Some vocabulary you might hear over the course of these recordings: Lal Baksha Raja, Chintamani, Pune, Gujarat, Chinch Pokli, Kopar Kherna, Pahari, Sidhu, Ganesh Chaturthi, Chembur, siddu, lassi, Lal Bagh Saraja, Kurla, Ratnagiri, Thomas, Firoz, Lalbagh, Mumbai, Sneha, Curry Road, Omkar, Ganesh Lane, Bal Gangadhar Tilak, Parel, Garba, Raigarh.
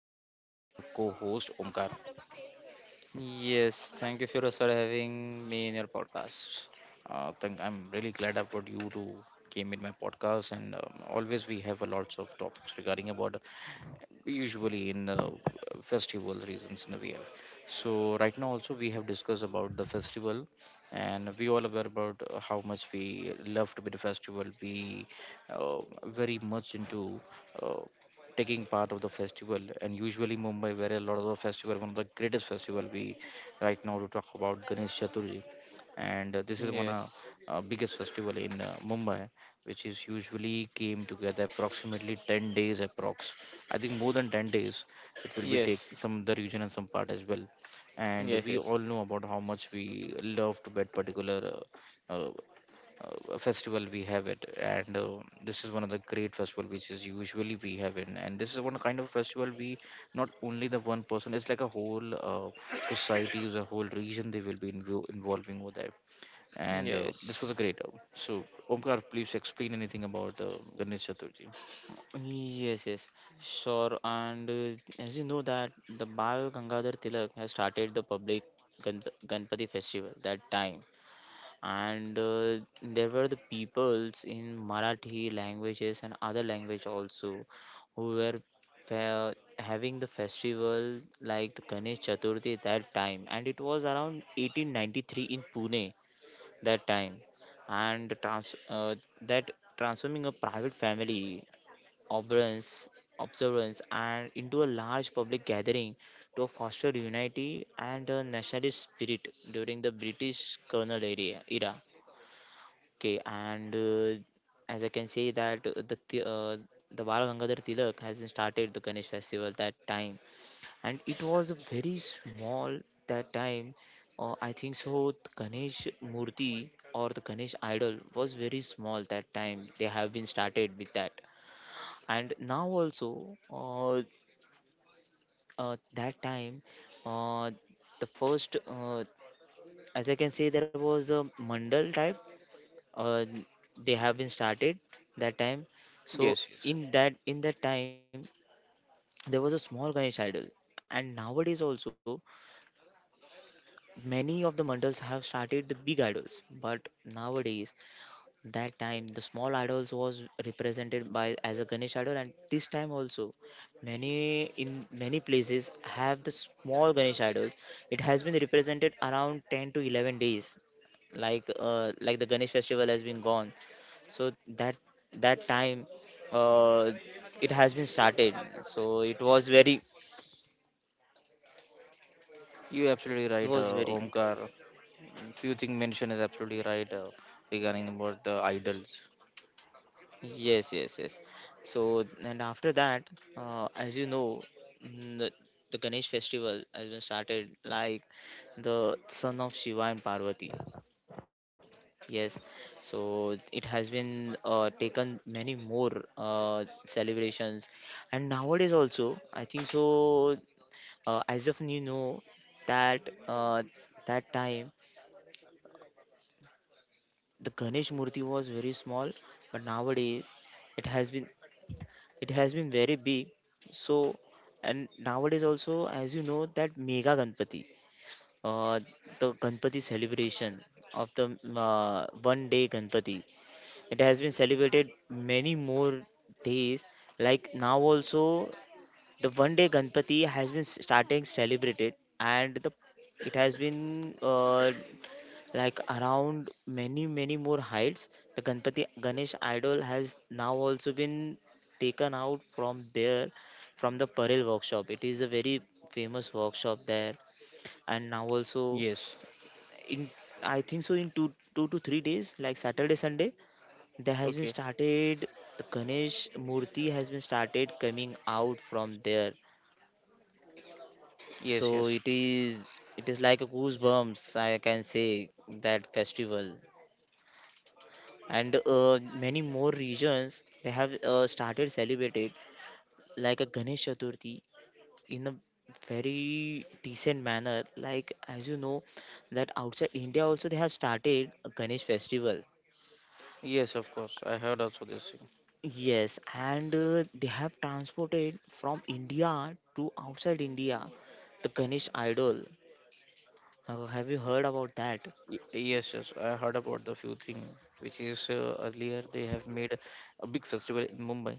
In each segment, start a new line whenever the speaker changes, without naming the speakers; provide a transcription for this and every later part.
with my co-host Omkar.
Yes, thank you, Firoz, for having me in your podcast.
I'm really glad I've got you to came in my podcast, and always we have a lots of topics regarding about usually in the festival reasons in know, we have so right now also we have discussed about the festival, and we all aware about how much we love to be the festival we uh, very much into uh, taking part of the festival, and usually Mumbai where a lot of the festival, one of the greatest festival we right now to talk about Ganesh Chaturthi. And this is one of
Yes,
biggest festival in Mumbai, which is usually came together approximately 10 days approx. I think more than 10 days it will be take
yes,
some the region and some part as well. And
yes,
we
yes,
all know about how much we loved that particular uh, uh, festival we have it. And this is one of the great festival which is usually we have in. And this is one kind of festival we not only the one person. It's like a whole society, is a whole region they will be involving over there. And this was
yes,
a great. So Omkar, please explain anything about Ganesh Chaturthi.
yes, yes, sure. And As you know that the Bal Gangadhar Tilak has started the public Ganpati festival that time, and there were the peoples in Marathi languages and other language also who were having the festival like the Ganesh Chaturthi that time, and it was around 1893 in Pune that time, and trans- that transforming a private family observance observance and into a large public gathering to foster unity and a nationalist spirit during the British colonial era. Okay, and As I can say that the Bal Gangadhar Tilak has been started the Ganesh festival that time, and it was very small that time. I think so. The Ganesh Murti or the Ganesh idol was very small that time. They have been started with that, and now also that time, uh, the first, as I can say there was a mandal type, uh, they have been started that time. So
Yes, yes.
in that time there was a small Ganesh idol, and nowadays also many of the mandals have started the big idols, but nowadays, that time the small idols was represented by as a Ganesh idol, and this time also many in many places have the small Ganesh idols. It has been represented around 10 to 11 days, like the Ganesh festival has been gone. So that that time, uh, it has been started. So it was very,
You absolutely right,
was very
Omkar. Few things mentioned is absolutely right regarding about the idols.
yes yes yes so, and after that, as you know, mm, the, the Ganesh festival has been started like the son of Shiva and Parvati. yes so it has been taken many more celebrations. And nowadays also, I think so, as of you know that that time the Ganesh Murthy was very small, but nowadays it has been it has been very big. So, and nowadays also, as you know, that Mega Ganpati, uh, the Ganpati celebration of the, one day Ganpati, it has been celebrated many more days. Like now also, the one day Ganpati has been starting celebrated, and the it has been, like, around many many more heights, the Ganpati Ganesh idol has now also been taken out from there, from the Parel workshop. It is a very famous workshop there, and now also,
Yes.
in I think so, in two to three days, like Saturday, Sunday, there has been
Okay.
started the Ganesh Murti has been started coming out from there.
Yes.
So
Yes.
it is like a goosebumps, I can say, that festival. And many more regions they have started celebrated, like a Ganesh Chaturthi, in a very decent manner, like as you know that outside India also they have started a Ganesh festival.
Yes. Of course. I heard also this thing.
Yes. And they have transported from India to outside India the Ganesh idol. Have you heard about that?
Yes. Yes. I heard about the few thing which is earlier they have made a big festival in Mumbai,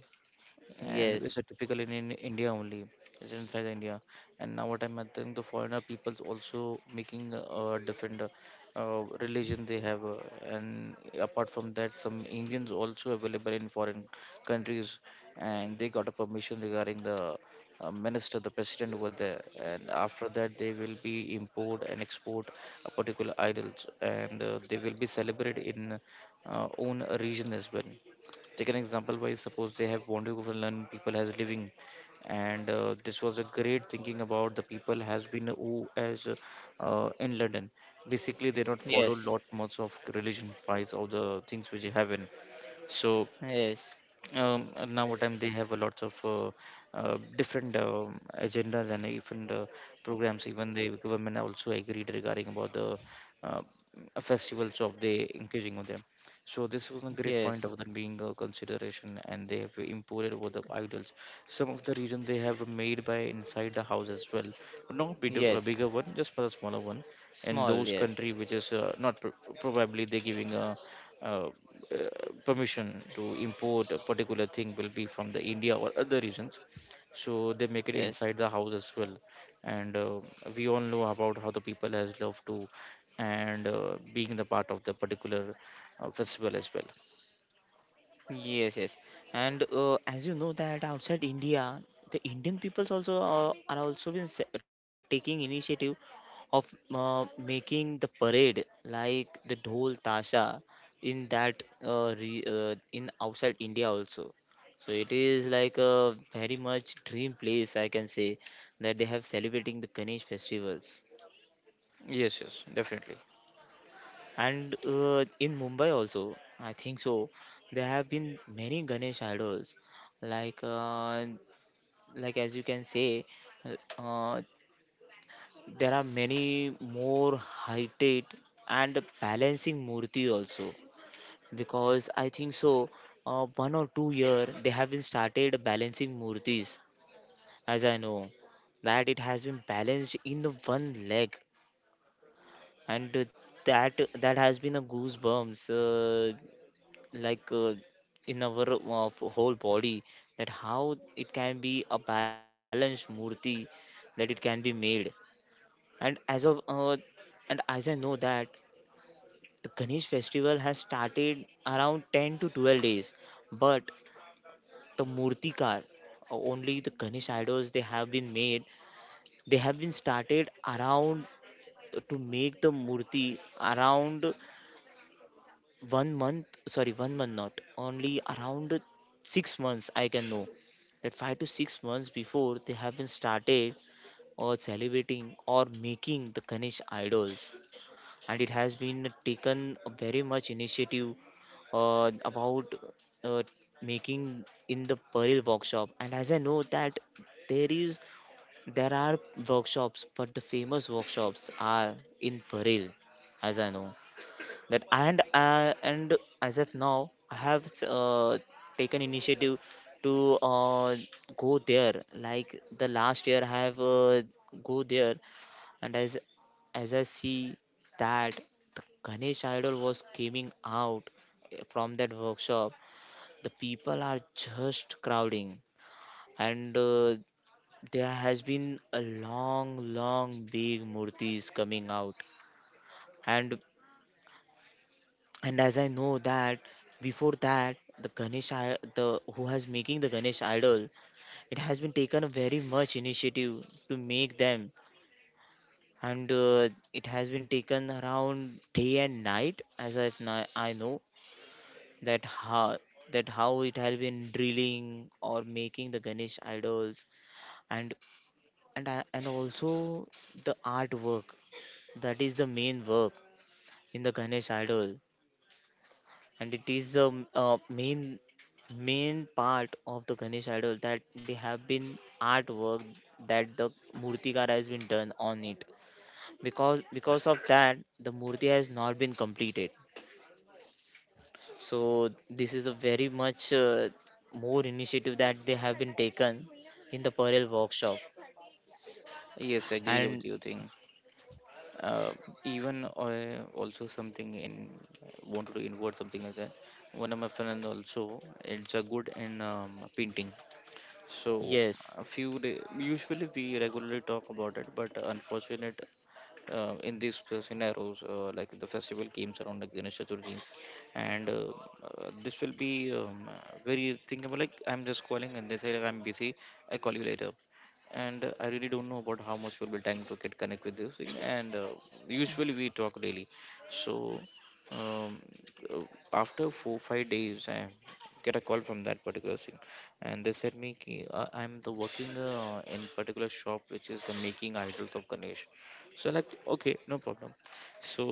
and it's
yes
a typical in India only. It's inside India, and now what I'm think the foreigner people's also making different religion they have, and apart from that, some Indians also available in foreign countries, and they got a permission regarding the minister, the president over there, and after that they will be import and export a particular idols, and they will be celebrated in own region as well. Take an example by suppose they have boundary over land, people has living, and this was a great thinking about the people has been who as in London. Basically, they not follow
yes
lot much of religion wise of the things which they have in. So
yes
now what time they have a lots of different agendas, and even the programs, even the government also agreed regarding about the uh, festivals of the engaging with them. So this was a great point
yes
of them being a consideration, and they have imported over the idols. Some of the reason they have made by inside the house as well, but not big, a
yes
bigger one, just for the smaller one in
small
those
yes
country which is not probably they giving a uh, uh, permission to import a particular thing will be from the India or other regions. So they make it
yes
inside the house as well. And we all know about how the people has love to, and being the part of the particular festival as well.
Yes, yes. And as you know that outside India, the Indian peoples also are also been taking initiative of making the parade like the dhol tasha in in outside India also. So it is like a very much dream place, I can say, that they have celebrating the Ganesh festivals.
Yes, yes, definitely.
And in Mumbai also, I think so, there have been many Ganesh idols, like uh, like as you can say, uh, there are many more heighted and balancing murti also, because I think so, one or two-year they have been started balancing murtis, as I know that it has been balanced in the one leg, and that that has been a goosebumps, like uh, in our whole body, that how it can be a balanced murti, that it can be made. And as of and as I know that the Ganesh festival has started around 10 to 12 days, but the murtikar, only the Ganesh idols they have been made, they have been started around to make the murti around one month, sorry, one month, not only around, 6 months, I can know, that 5 to 6 months before they have been started or celebrating or making the Ganesh idols. And it has been taken a very much initiative about uh, making in the Peril workshop. And as I know that there is there are workshops, but the famous workshops are in Peril, as I know that. And as of now I have taken initiative to go there. Like the last year I have go there, and as I see that the Ganesh idol was coming out from that workshop. The people are just crowding, and there has been a long big murtis coming out. And as I know that before that, the who has making the Ganesh idol, it has been taken a very much initiative to make them. And it has been taken around day and night, as I know that how that how it has been drilling or making the Ganesh idols. And also the artwork, that is the main work in the Ganesh idol, and it is the main part of the Ganesh idol, that they have been artwork that the murtikara has been done on it, because of that the murti has not been completed. So this is a very much more initiative that they have been taken in the parallel workshop.
Yes, I agree with
And
your thing. Uh, even I also something in wanted to invert something like that. One of my friend also, it's a good in painting. So
yes
a few day, usually we regularly talk about it, but unfortunate in these scenarios, like the festival comes around like Ganesh Chaturthi, and this will be very thinkable. Like I'm just calling, and they say that I'm busy. I call you later, and I really don't know about how much will be time to get connect with this thing. And usually we talk daily. So um, uh, after 4-5 days, I get a call from that particular thing, and they said me ki, I'm the working in particular shop which is the making idols of Ganesh. So like okay, no problem. So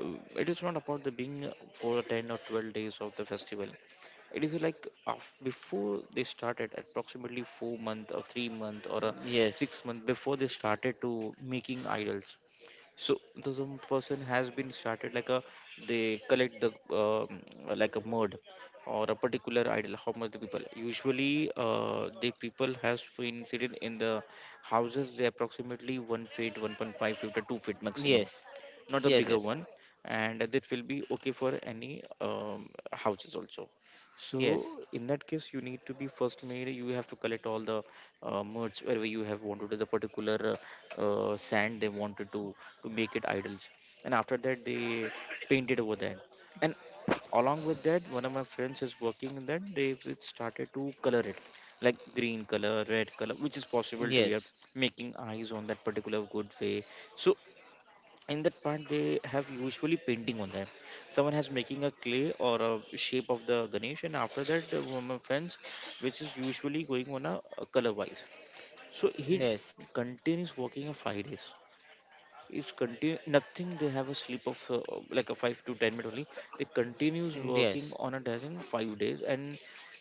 it is not about the being for 10 or 12 days of the festival. It is like af before they started approximately 4 months or 3 months or a
yes
6 months before they started to making idols. So the some person has been started like a, they collect the like a mode or a particular idol how much the people usually the people has been seated in the houses, they approximately 1 feet, 1.5 feet or 2 feet maximum,
yes
not a
yes
bigger
yes
one, and that will be okay for any houses also. So
yes
in that case you need to be first made, you have to collect all the merge wherever you have wanted to the particular sand they wanted to make it idols, and after that they painted over there. And along with that one of my friends is working in that, they will started to color it like green color, red color, which is possible to yeah,
yes
making eyes on that particular good way. So in that part they have usually painting on them. Someone has making a clay or a shape of the Ganesh, and after that my friends which is usually going on a color wise. So he
yes
continues working for 5 days. It's continue, nothing, they have a sleep of like a 5 to 10 minutes only. They continues
yes
working on a design 5 days, and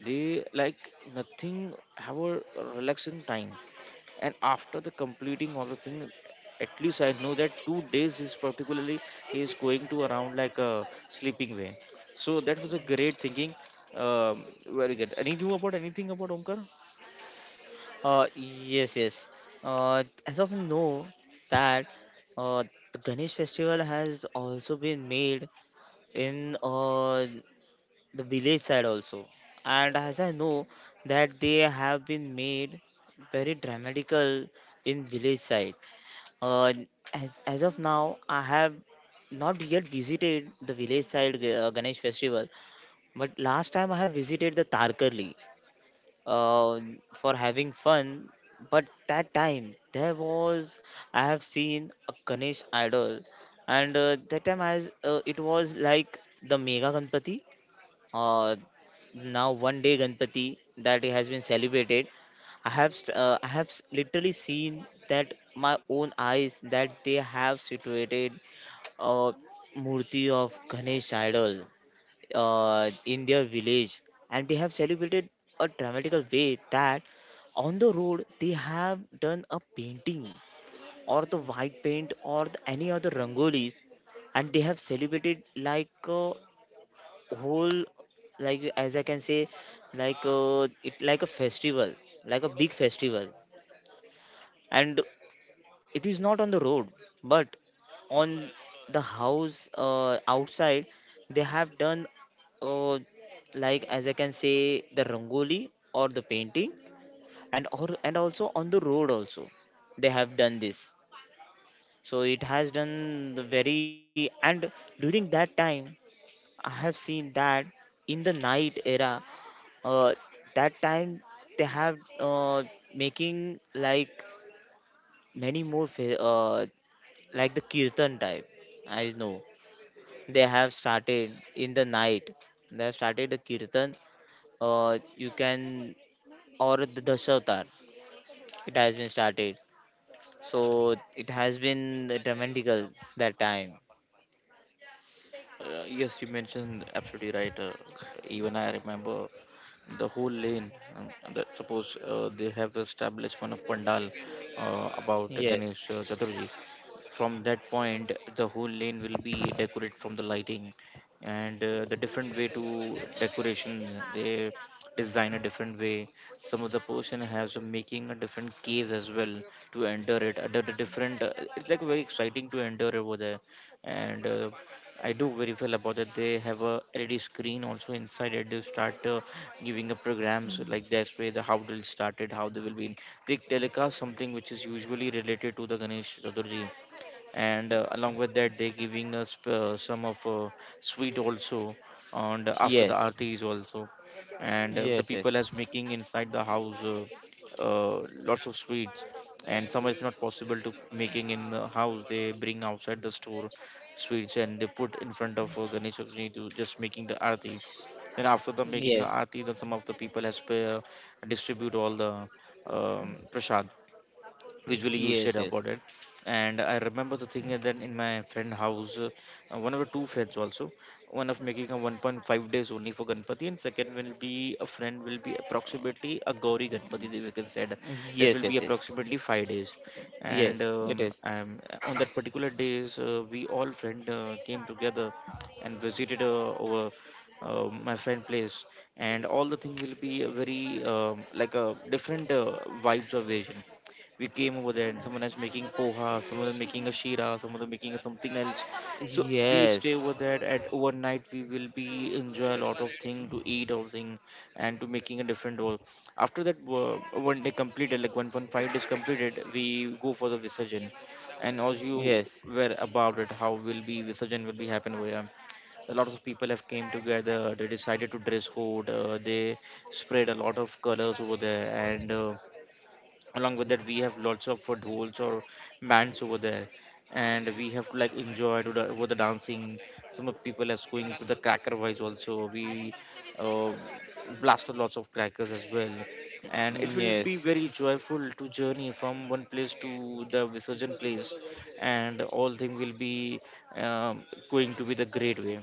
they like nothing have a relaxing time. And after the completing all the thing, at least I know that 2 days is particularly he is going to around like a sleeping there. So that was a great thinking. Very good. And you knew about anything about Omkar?
Yes, yes. As of know that uh, the Ganesh festival has also been made in the village side also, and as I know that they have been made very dramatical in village side. Uh, as of now, I have not yet visited the village side Ganesh festival, but last time I have visited the Tarkarli uh, for having fun. But that time there was, I have seen a Ganesh idol, and that time, as it was like the Mega Ganpati. Uh, Now one day Ganpati that has been celebrated. I have literally seen that my own eyes that they have situated a murti of Ganesh idol in their village, and they have celebrated a dramatical way, that on the road they have done a painting or the white paint or the any other rangolis, and they have celebrated like a whole, like as I can say like it like a festival, like a big festival. And it is not on the road, but on the house outside, they have done, uh, like as I can say the rangoli or the painting, and or and also on the road also they have done this. So it has done the very, and during that time, I have seen that in the night era, uh, that time they have, making, like, many more like the kirtan type. I know they have started in the night. They have started the kirtan. You can, or the dasavatar. It has been started. So it has been dramatical that time.
Yes, you mentioned absolutely right. Even I remember the whole lane that suppose they have established one of pandal about
Yes,
Ganesh Chaturji. From that point, the whole lane will be decorated from the lighting, and the different way to decoration. They design a different way. Some of the person has a making a different cave as well to enter it. The a different. It's like very exciting to enter over there, and I do very well about that. They have a LED screen also inside it. They start giving up programs like that's where the how they started, how they will be. They telecast something which is usually related to the Ganesh Chaturthi, and along with that they giving us some of sweet also, and after the
yes,
artis also, and the
yes, yes,
people as making inside the house. Lots of sweets, and some is not possible to making in the house, they bring outside the store sweets, and they put in front of Ganesh Chaturthi to just making the arati. Then after the making the
yes,
arati, then some of the people has distribute all the prasad. Visually, you
yes,
said
yes,
about it, and I remember the thing that in my friend house one of the two friends also, one of making a 1.5 days only for ganpati, and second will be a friend will be approximately a gauri ganpati, that we can said that
yes,
will
yes,
be
yes.
approximately 5 days. And
Yes, it is.
on that particular days we all friend came together and visited over my friend place, and all the thing will be a very like a different vibes of vision. We came over there, and someone is making poha, someone is making a shira, someone is making something else. So we stay over
Yes,
there at overnight. We will be enjoy a lot of thing to eat or thing, and to making a different role. After that, one day completed, like 1.5 days completed, we go for the visurgin. And as you
yes, yes,
were about it, how will be visurgin will be happen over here? A lot of people have came together. They decided to dress code, they spread a lot of colors over there, and along with that we have lots of food halls or bands over there, and we have to like enjoy to the, over the dancing. Some of people are going to the cracker wise also. We uh, blasted lots of crackers as well, and it will be
yes,
very joyful to journey from one place to the visurgent place. And all things will be, um, going to be the great way.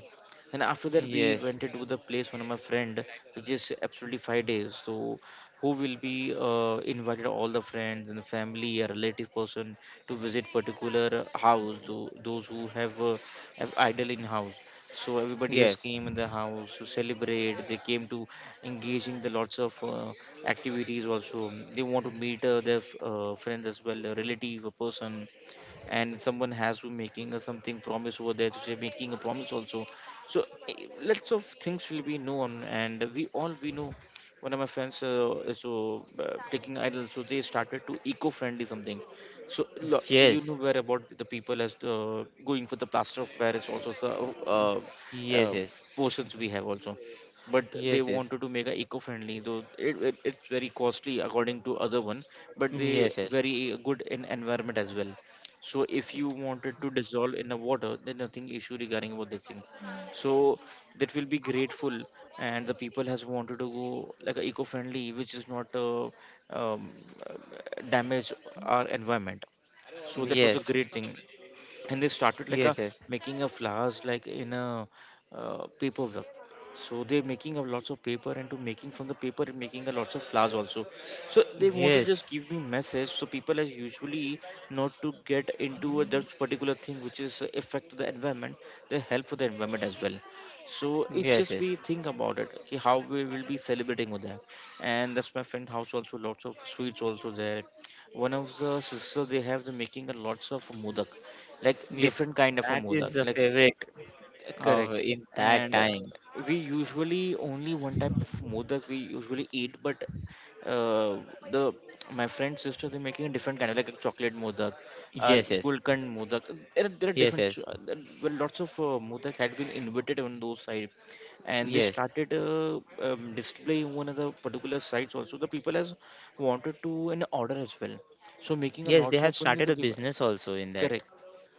And after that we
yes,
went into the place one of my friend, which is absolutely 5 days. So who will be invited all the friends and the family a relative person to visit particular house those who have idol in house. So everybody has
yes,
came in the house to celebrate. They came to engaging the lots of activities. Also they want to meet their friends as well a relative a person. And someone has to making a something promise over there to say making a promise also. So lots of things will be known, and we all we know one of my friends is so taking idol, so they started to eco-friendly something. so lo- you
yes,
know where about the people as going for the plaster of paris, also the uh,
yes,
uh,
yes,
portions we have also. But they
yes, yes.
wanted to make a eco-friendly though it's very costly according to other one, but they
Yes,
very good in environment as well. So if you wanted to dissolve in the water, there's nothing issue regarding about this thing. So that will be grateful. And the people has wanted to go like a eco-friendly, which is not um, uh, damage our environment. So that was a
yes,
great thing. And they started like a
yes, yes, yes,
making a flowers like in a paper work. So they're making a lots of paper, and to making from the paper and making a lots of flowers also. So they want to
yes,
just give me message, so people as usually not to get into a that particular thing, which is a effect to the environment. They help for the environment as well. So it
yes,
just we
yes,
think about it, okay, how we will be celebrating with that. And that's my friend house also, lots of sweets also there. One of the sisters, they have the making a lots of mudak, like
yes.
different kind of a
That is
modak
the
like.
favorite of
Correct.
in that
And
time.
we usually only one type of modak we usually eat, but uh, the my friend's sister, they're making a different kind of like a chocolate modak, uh,
Yes, yes,
gulkand modak. There are
yes,
different
yes,
there were lots of modak had been invented on those side. And they
yes,
started displaying one of the particular sites. Also the people has wanted to an order as well. So making a
yes. They
lots
have
of fun with
started a
the people.
business also in that.
Correct.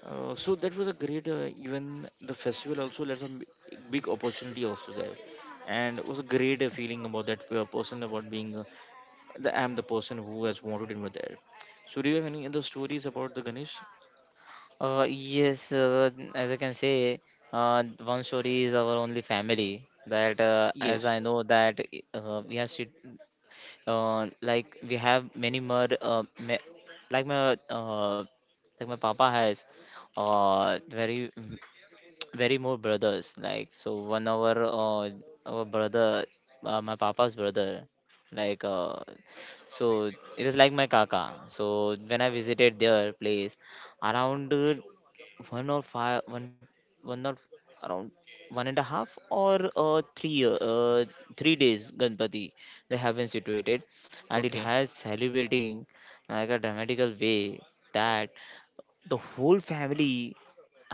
So that was a great, even the festival also led some big opportunity also there. And it was a great feeling about that person about being the I'm the person who has wanted in with there. So do you have any other stories about the Ganesh?
Yes, as I can say, one story is our only family. That as
Yes.
I know that, uh, we have sit- like we have many more like my uh, like my papa has very very more brothers. Like, so one of our brother, my papa's brother, like, so it is like my kaka. So when I visited their place around one or five one one or around one and a half or three 3 days Ganpati, they have been situated, and it
Okay.
has celebrating like a dramatical way, that the whole family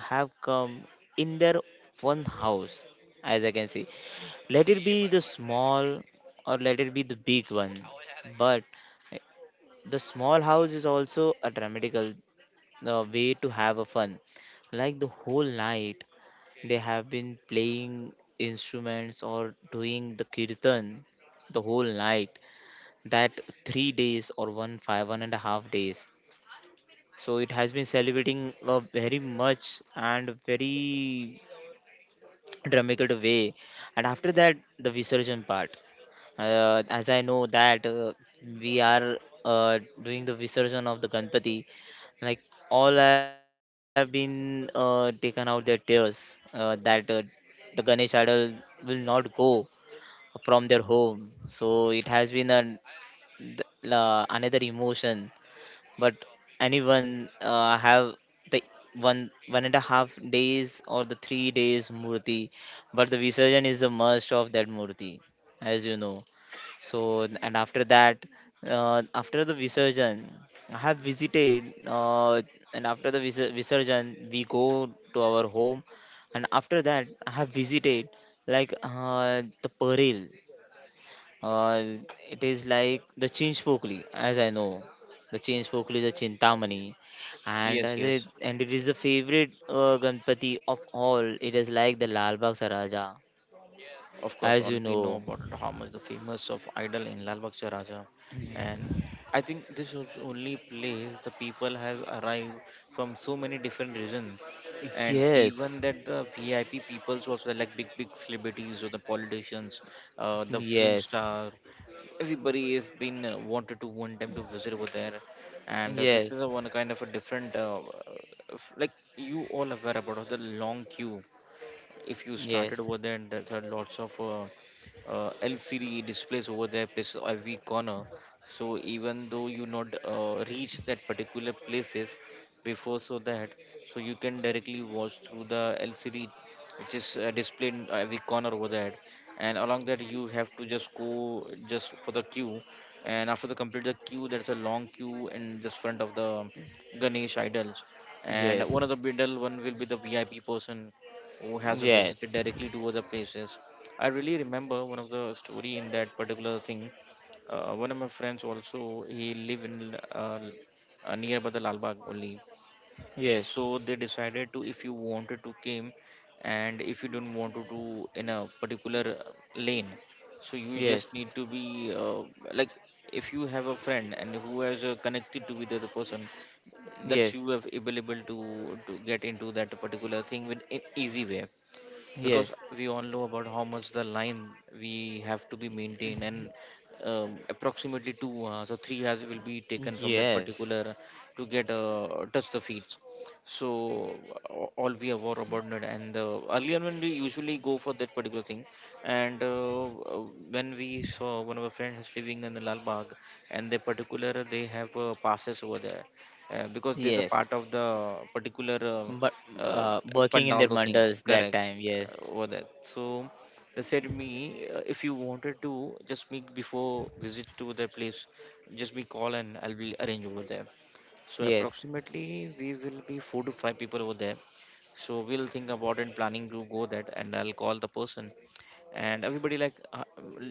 have come in their one house, as I can see. Let it be the small or let it be the big one, but eh, the small house is also a dramatical way to have a fun. Like the whole night they have been playing instruments or doing the kirtan the whole night, that 3 days or one five one and a half days. So it has been celebrating a very much and very dramatic way. And after that, the visarjan part, as I know that, we are doing the visarjan of the Ganpati. Like, all have been taken out their tears, that the Ganesh idol will not go from their home. So it has been an, th- la another emotion. But anyone have the one 1.5 days or the 3 days murti, but the Visarjan is the must of that murti, as you know. So and after that, after the Visarjan, I have visited, and after the visurjan we go to our home. And after that I have visited like the Parel, uh, it is like the Chinch Pokli, as I know. The Chinch Pokli, the Chintamani, and
Yes.
as it,
Yes.
and it is the favorite Ganpati of all. It is like the Lal Bagh Saraja,
Of course,
as
all
you
we know
know.
about Dham is the famous of idol in Lal Baksha Raja, and I think this is only place the people has arrived from so many different reasons, and
Yes,
even that the VIP peoples also, like big big celebrities or the politicians, the film
yes,
star, everybody has been wanted to one time to visit over there. And this is
yes,
a one kind of a different like you all aware about the long queue. If you started
yes,
over there, and there are lots of LCD displays over there, places every corner. So even though you not reach that particular places before, so that, so you can directly watch through the LCD, which is displayed in every corner over there. And along that, you have to just go just for the queue. And after the complete the queue, there's a long queue in just front of the Ganesh idols. And one
yes,
of the middle one will be the VIP person, who has visited
yes,
directly to other places. I really remember one of the story in that particular thing. One of my friends also, he live in nearby the Lalbagh only.
yes,
So they decided to, if you wanted to came, and if you don't want to do in a particular lane, so you
yes,
just need to be like, if you have a friend and who has connected to with the other person, that you have able to get into that particular thing with an easy way. Because
yes,
we all know about how much the line we have to be maintained, and approximately two
yes.
hours or 3 hours will be taken from that
Yes,
particular to get touch the feet. So all we are aware about it. And earlier when we usually go for that particular thing, and when we saw one of our friends is living in the lal bagh, and they particular they have passes over there, because there's a
yes.
part of the particular
But working in their
pandal thing,
mandals that
correct,
time. Yes,
over that. So they said me, if you wanted to, just me before visit to the place, just me call and I'll be arrange over there. So
yes,
approximately we will be 4 to 5 people over there. So we'll think about and planning to go that, and I'll call the person. And everybody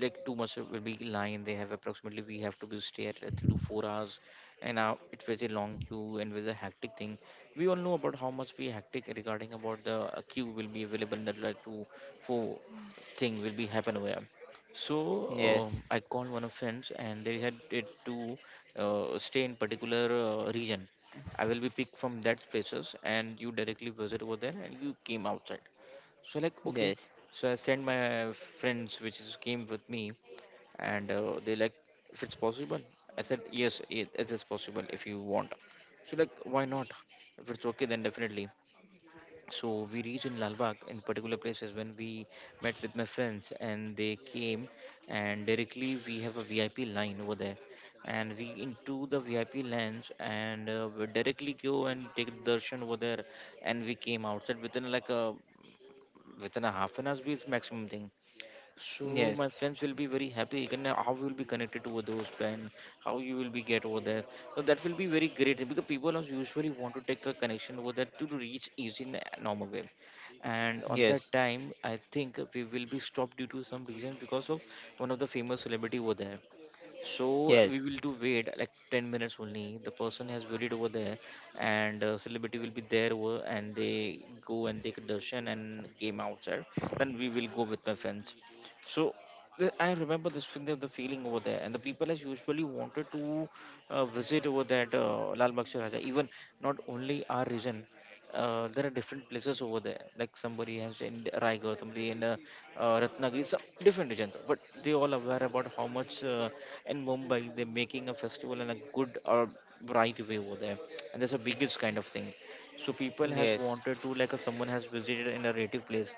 like too much will be line they have. Approximately we have to be stay at 3 to 4 hours. And it was a long queue and was a hectic thing. We all know about how much we hectic regarding about the queue will be available in the like two four thing will be happen over here. So
yes,
I called one of friends, and they had it to stay in particular region. I will be picked from that places, and you directly visit over there and you came outside. So like okay,
yes,
so I sent my friends, which is came with me. And they like, if it's possible. I said yes, it is possible if you want. So like, why not? If it's okay, then definitely. So we reached in Lalbagh in particular places, when we met with my friends, and they came, and directly we have a VIP line over there, and we into the VIP lounge, and we directly go and take darshan over there, and we came outside within like a within a ½ an hour, is maximum thing. So my
yes,
friends will be very happy. And how you will be connected to those plan, how you will be get over there. So that will be very great, because people are usually want to take a connection over there to reach easy in a normal way. And on that
yes,
time, I think we will be stopped due to some reason because of one of the famous celebrity over there. So
yes,
we will do wait like 10 minutes only. The person has waited over there, and celebrity will be there, over, and they go and take a darshan and game outside. Then we will go with my friends. So I remember this feeling, the feeling over there, and the people as usually wanted to visit over that Lal Bakshi Raja. Even not only our region, there are different places over there. Like somebody has in Raigarh, somebody in Ratnagiri, some different region. But they all aware about how much in Mumbai they're making a festival in a good or right way over there, and that's the biggest kind of thing. So people has
yes,
wanted to, like if someone has visited in a native place,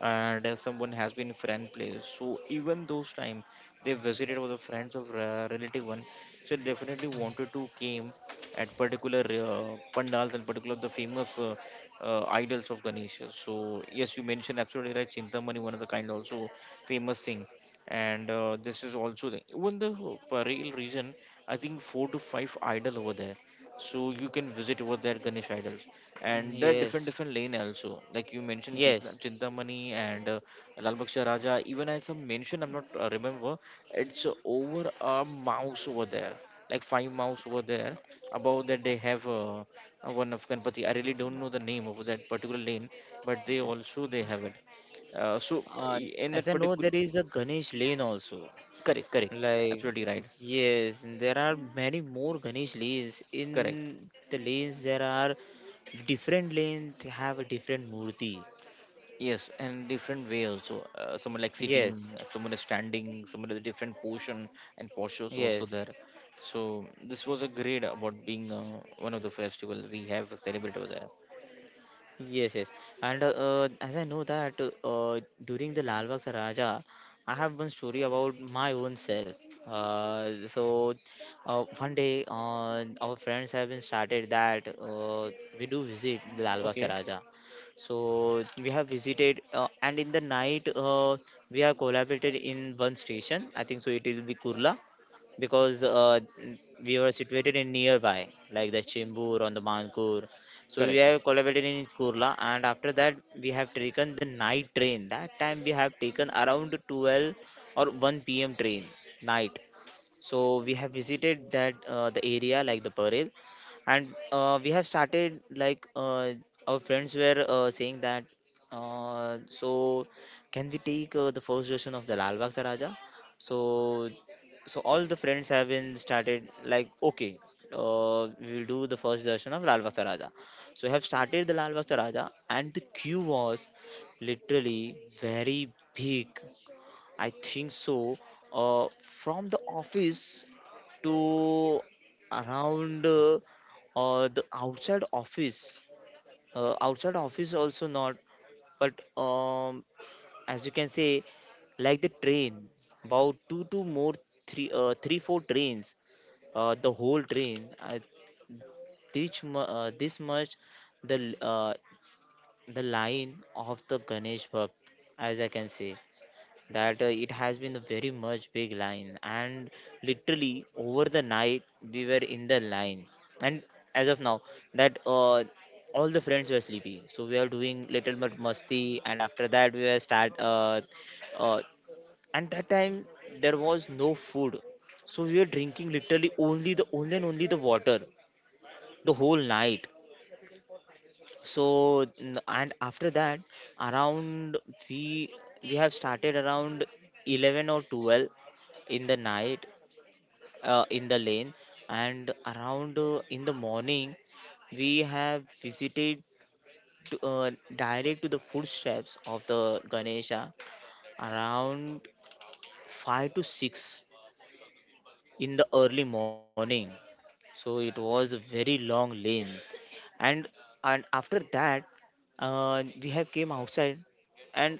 and if someone has been friend place. So even those time they visited with the friends of relative one, so definitely wanted to came at particular pandals and particular the famous. Idols of Ganesha. So yes, you mentioned absolutely right. Chintamani, one of the kind, also famous thing. And this is also the even the Parel region. I think four to five idol over there. So you can visit over there Ganesh idols, and there are different
yes,
different lane also. Like you mentioned,
yes.
Chintamani and Lal Baksha Raja. Even as I mentioned, I'm not remember. It's over a mouse over there, like five mouse over there. Above that they have. One of Ganpati. I really don't know the name of that particular lane, but they also they have it.
Uh,
In
as
that
I know,
particular,
there is a Ganesh Lane also.
correct, correct,
Like,
absolutely right,
yes, there are many more Ganesh lanes.
correct.
In the lanes, there are different lanes have a different murti.
Yes, and different way also. Someone like sitting,
Yes,
someone is standing, someone is a different position and postures also
yes,
there. So this was a great about being one of the festival we have celebrated over there.
yes, yes. And as I know that during the Lal Lalbagh Saraja, I have one story about my own self. So one day, our friends have been started that we do visit the Lal Lalbagh
Okay,
Saraja. So we have visited, and in the night, we have collaborated in one station. I think so. It will be Kurla, because we were situated in nearby, like the Chembur on the Mankur. So we
correct.
have collaborated in Kurla, and after that we have taken the night train. That time we have taken around 12 or 1 p.m. train, night. So we have visited that, the area like the Parel, and we have started like our friends were saying that. So can we take the first version of the Lal Bagh Daraja? So so all the friends have been started, like, okay. We will do the first version of Lal Bagh Daraja. So we have started the Lal Bagh Daraja, and the queue was literally very big. I think so. From the office to around the outside office. Outside office also not, but um, as you can say, like the train, about two to more three three four trains, the whole train. I this much the the line of the Ganesh Bhakt, as I can say, that it has been a very much big line, and literally over the night we were in the line. And as of now, that all the friends were sleepy, so we are doing little bit musty, and after that we were start uh, and that time there was no food, so we were drinking literally only the only and only the water the whole night. So and after that, around, we we have started around 11 or 12 in the night, in the lane. And around in the morning we have visited to, direct to the footsteps of the Ganesha around 5 to 6 in the early morning. So it was a very long lane. and and after that, we have came outside and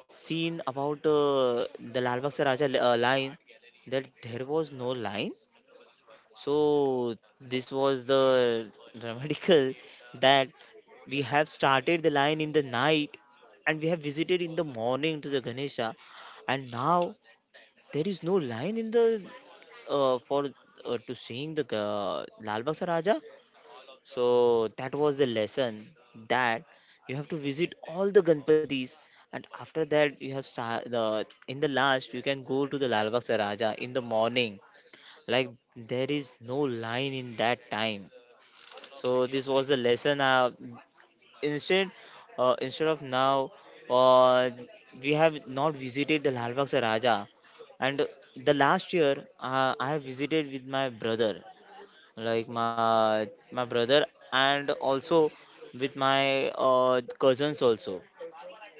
seen about the Lal Bagh Se Raja line, that there was no line. So this was the dramatical, that we have started the line in the night and we have visited in the morning to the Ganesha, and now there is no line in the for to sing the Lal Bagh Raja. So that was the lesson, that you have to visit all the Ganpatis, and after that you have star the in the last you can go to the Lal Bagh Raja in the morning. Like, there is no line in that time. So this was the lesson. Instead Instead of now, uh, we have not visited the Lal Bagh Raja. And the last year I have visited with my brother, like my brother, and also with my cousins also.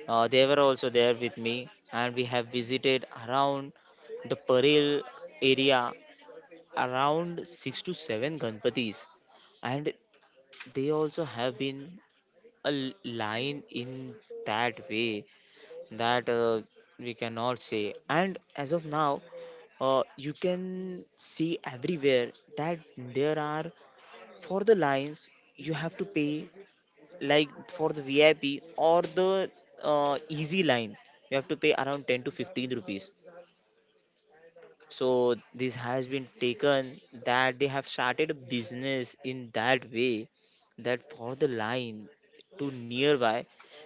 They were also there with me, and we have visited around the Parel area around six to seven Ganpatis. And they also have been a l- line in that way, that we cannot say. And as of now, you can see everywhere that there are for the lines you have to pay, like for the VIP or the easy line, you have to pay around 10 to 15 rupees. So this has been taken, that they have started a business in that way, that for the line to nearby,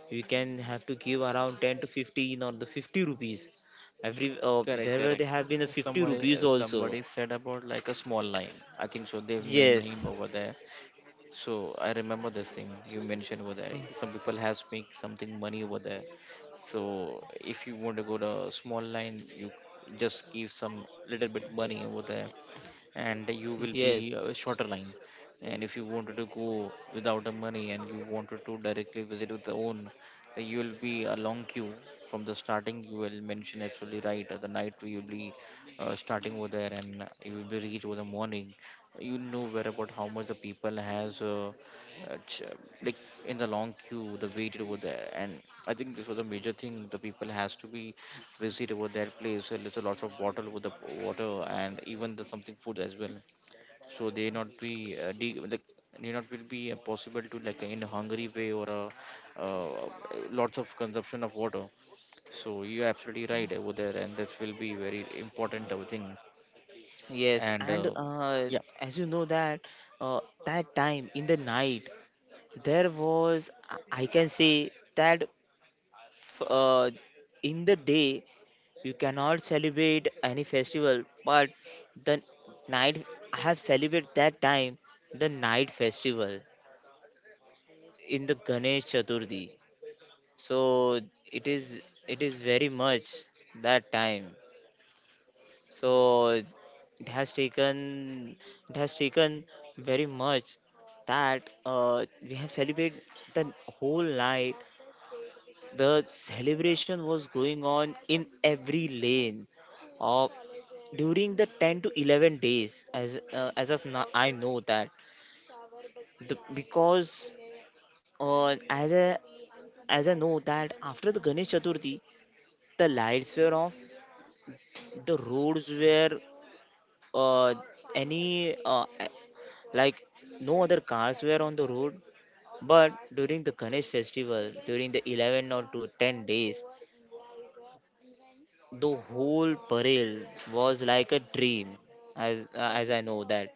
you can have to give around 10 to 15 or the 50 rupees. Every
Correct,
wherever
correct.
they have been, the 50
Somebody,
rupees also.
somebody said about like a small line. I think so. They've made
Yes.
name over there. So I remember this thing you mentioned over there. Some people has make something money over there. So if you want to go to a small line, you just give some little bit money over there, and you will
Yes,
be a shorter line. And if you wanted to go without the money and you wanted to directly visit with the own, then you will be a long queue. From the starting you will mention, absolutely right, at the night you will be starting over there, and you will be reach over the morning. You know where about how much the people has uh, ch- like in the long queue the waited over there. And I think this was a major thing the people has to be visit over that place. So there's a lot of bottle with the water and even the something food as well. So they not be like they not will be possible to like in a hungry way or a, uh, lots of consumption of water. So you're absolutely right over there, and this will be very important thing.
yes.
And
And
uh, yeah,
as you know that uh, that time in the night, there was I can say, that f- uh, in the day you cannot celebrate any festival, but the night I have celebrated that time, the night festival in the Ganesh Chaturthi. So it is it is very much that time. So it has taken, it has taken very much, that we have celebrated the whole night. The celebration was going on in every lane of, during the 10 to 11 days. As as of now, I know that the, because as a as I know that after the Ganesh Chaturthi, the lights were off, the roads were uh, any like no other cars were on the road. But during the Ganesh festival, during the 11 or to 10 days, the whole parade was like a dream, as I know that.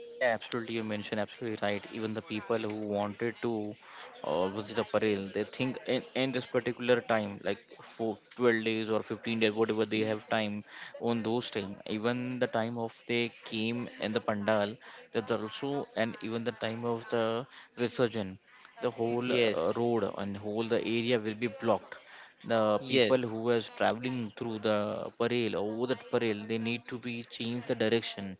Yeah, absolutely. You mentioned absolutely right. Even the people who wanted to visit a parade, they think in this particular time, like for 12 days or 15 days, whatever they
Y-
have time on those time. Even the time of they came in the pandal, that there also, and even the time of the resurgence, the whole
Yes,
road and whole the area will be blocked. The people
yes,
who was traveling through the parade or over that parade, they need to be change the direction.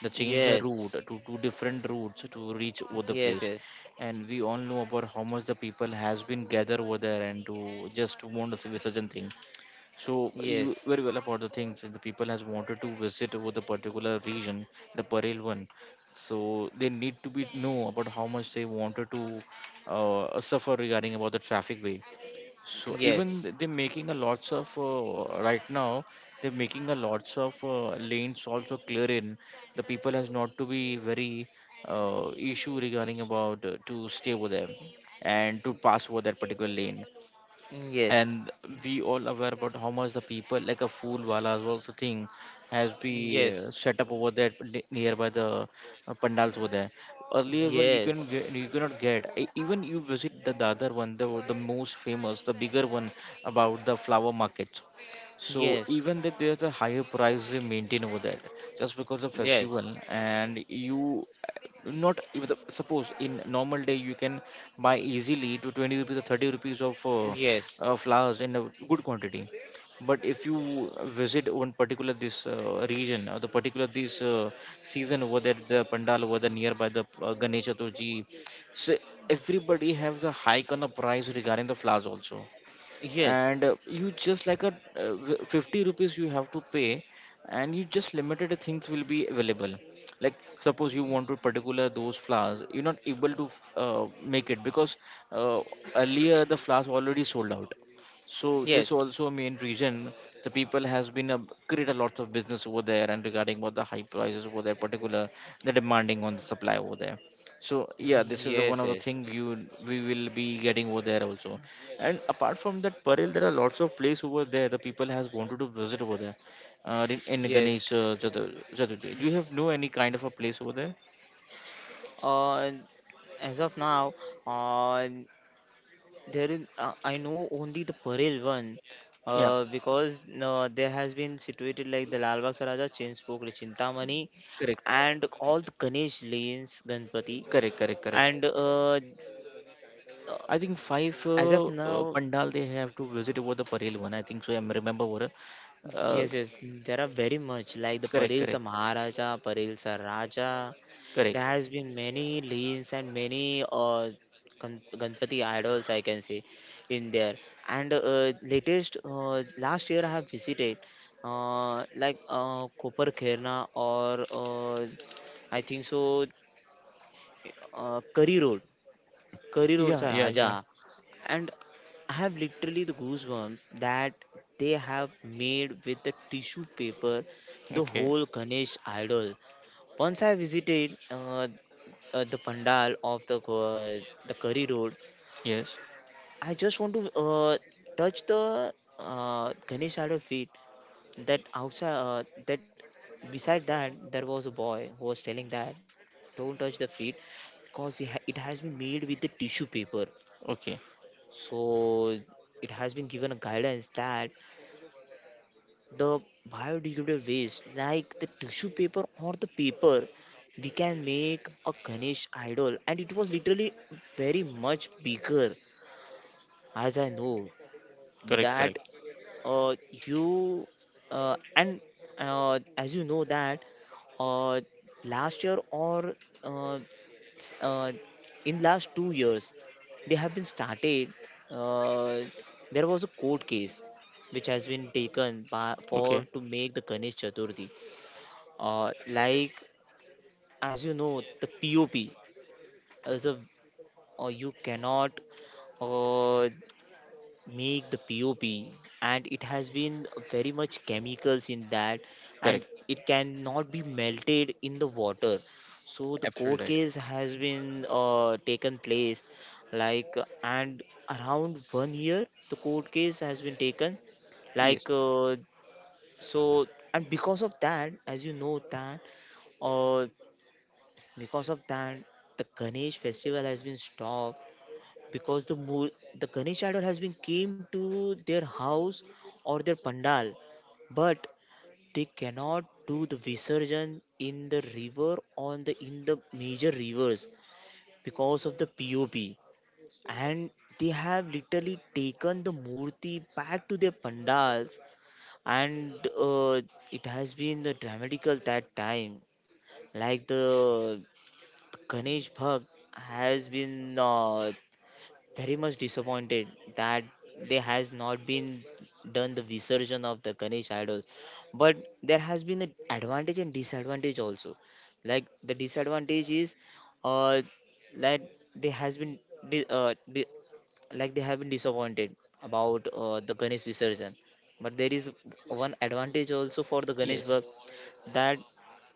They change the route
yes,
to two different routes to reach over the
yes,
place.
yes,
And we all know about how much the people has been gathered over there and to just to want the Visarjan thing. So you
yes,
very well about the things that the people has wanted to visit over the particular region, the parallel one. So they need to be know about how much they wanted to suffer regarding about the traffic way. So even
yes,
they're making a lots of right now, they're making a lots of lanes also clear in. The people has not to be very issue regarding about to stay over there and to pass over that particular lane.
yes,
And we all aware about how much the people like a fool walas also thing has been
yes, yes,
set up over there nearby the pandals over there. Earlier where you can
yes,
get, you cannot get even you visit the other one, the most famous, the bigger one, about the flower markets. So
yes, yes,
even that there's a higher price they maintain over there, just because of
yes,
festival. And you not even suppose in normal day you can buy easily to 20 rupees or 30 rupees of flowers in a good quantity. But if you visit one particular this region or the particular this season over there, the pandal over there nearby the ganesh chaturthi, so everybody has a hike on the price regarding the flowers also. And you just like a 50 rupees you have to pay, and you just limited things will be available. Like suppose you want to particular those flowers, you're not able to make it because uh, earlier the flowers already sold out. So this
yes,
also main reason the people has been create a lot of business over there and regarding about the high prices over there particular, the demanding on the supply over there. So yeah, this is
yes,
one of the
yes,
thing you we will be getting over there also. And apart from that, Parel, there are lots of places over there the people has wanted to visit over there. In
yes.
Ganesh Chaturthi, do you have know any kind of a place over there?
Uh, as of now, uh, there is, I know only the Parel one,
Yeah,
because there has been situated like the Lalbagh Saraja, Chinspokli, Chintamani,
correct,
and all the Ganesh lanes, Ganpati,
correct, correct, correct.
and
I think five
as of now.
pandal they have to visit over the Parel one. I think so. I remember over. Uh,
Yes, yes, there are very much, like the
correct,
Parilsa
correct,
Maharaja, Parilsa Raja. There
correct.
has been many leans and many Ganpati idols I can see in there. And latest last year I have visited like Kopar Kherna or I think so, Curry Road, Curry Road's
Yeah, yeah, yeah.
Raja. And I have literally the goosebumps, that they have made with the tissue paper the
Okay.
whole Ganesh idol. Once I visited the pandal of the Curry Road,
Yes.
I just want to touch the Ganesh idol feet. That outside that, beside that, there was a boy who was telling that don't touch the feet, because it has been made with the tissue paper.
Okay.
So it has been given a guidance, that the biodegradable waste, like the tissue paper or the paper, we can make a Ganesh idol, and it was literally very much bigger, as I know,
Correct,
that
correct.
you and as you know that uh, last year or uh, s- uh, in last 2 years they have been started, uh, there was a court case which has been taken by, for
Okay.
to make the Ganesh Chaturthi, like, as you know, the POP is a you cannot uh, make the POP, and it has been very much chemicals in that, and
Correct.
it cannot be melted in the water. So the court
Absolutely right.
case has been taken place, like, and around one year the court case has been taken,
Yes.
like so and because of that, as you know, that uh, because of that the Ganesh festival has been stopped. Because the the Ganesh idol has been came to their house or their pandal, but they cannot do the Visarjan in the river on the in the major rivers because of the POP, and they have literally taken the Murti back to their pandals. And uh, it has been the dramatical that time, like the Ganesh Bhag has been. Very much disappointed, that there has not been done the visurgence of the Ganesh idols. But there has been an advantage and disadvantage also. Like, the disadvantage is, uh, like they has been, di- uh, di- like they have been disappointed about the Ganesh visurgence. But there is one advantage also for the Ganesh
Yes.
work, that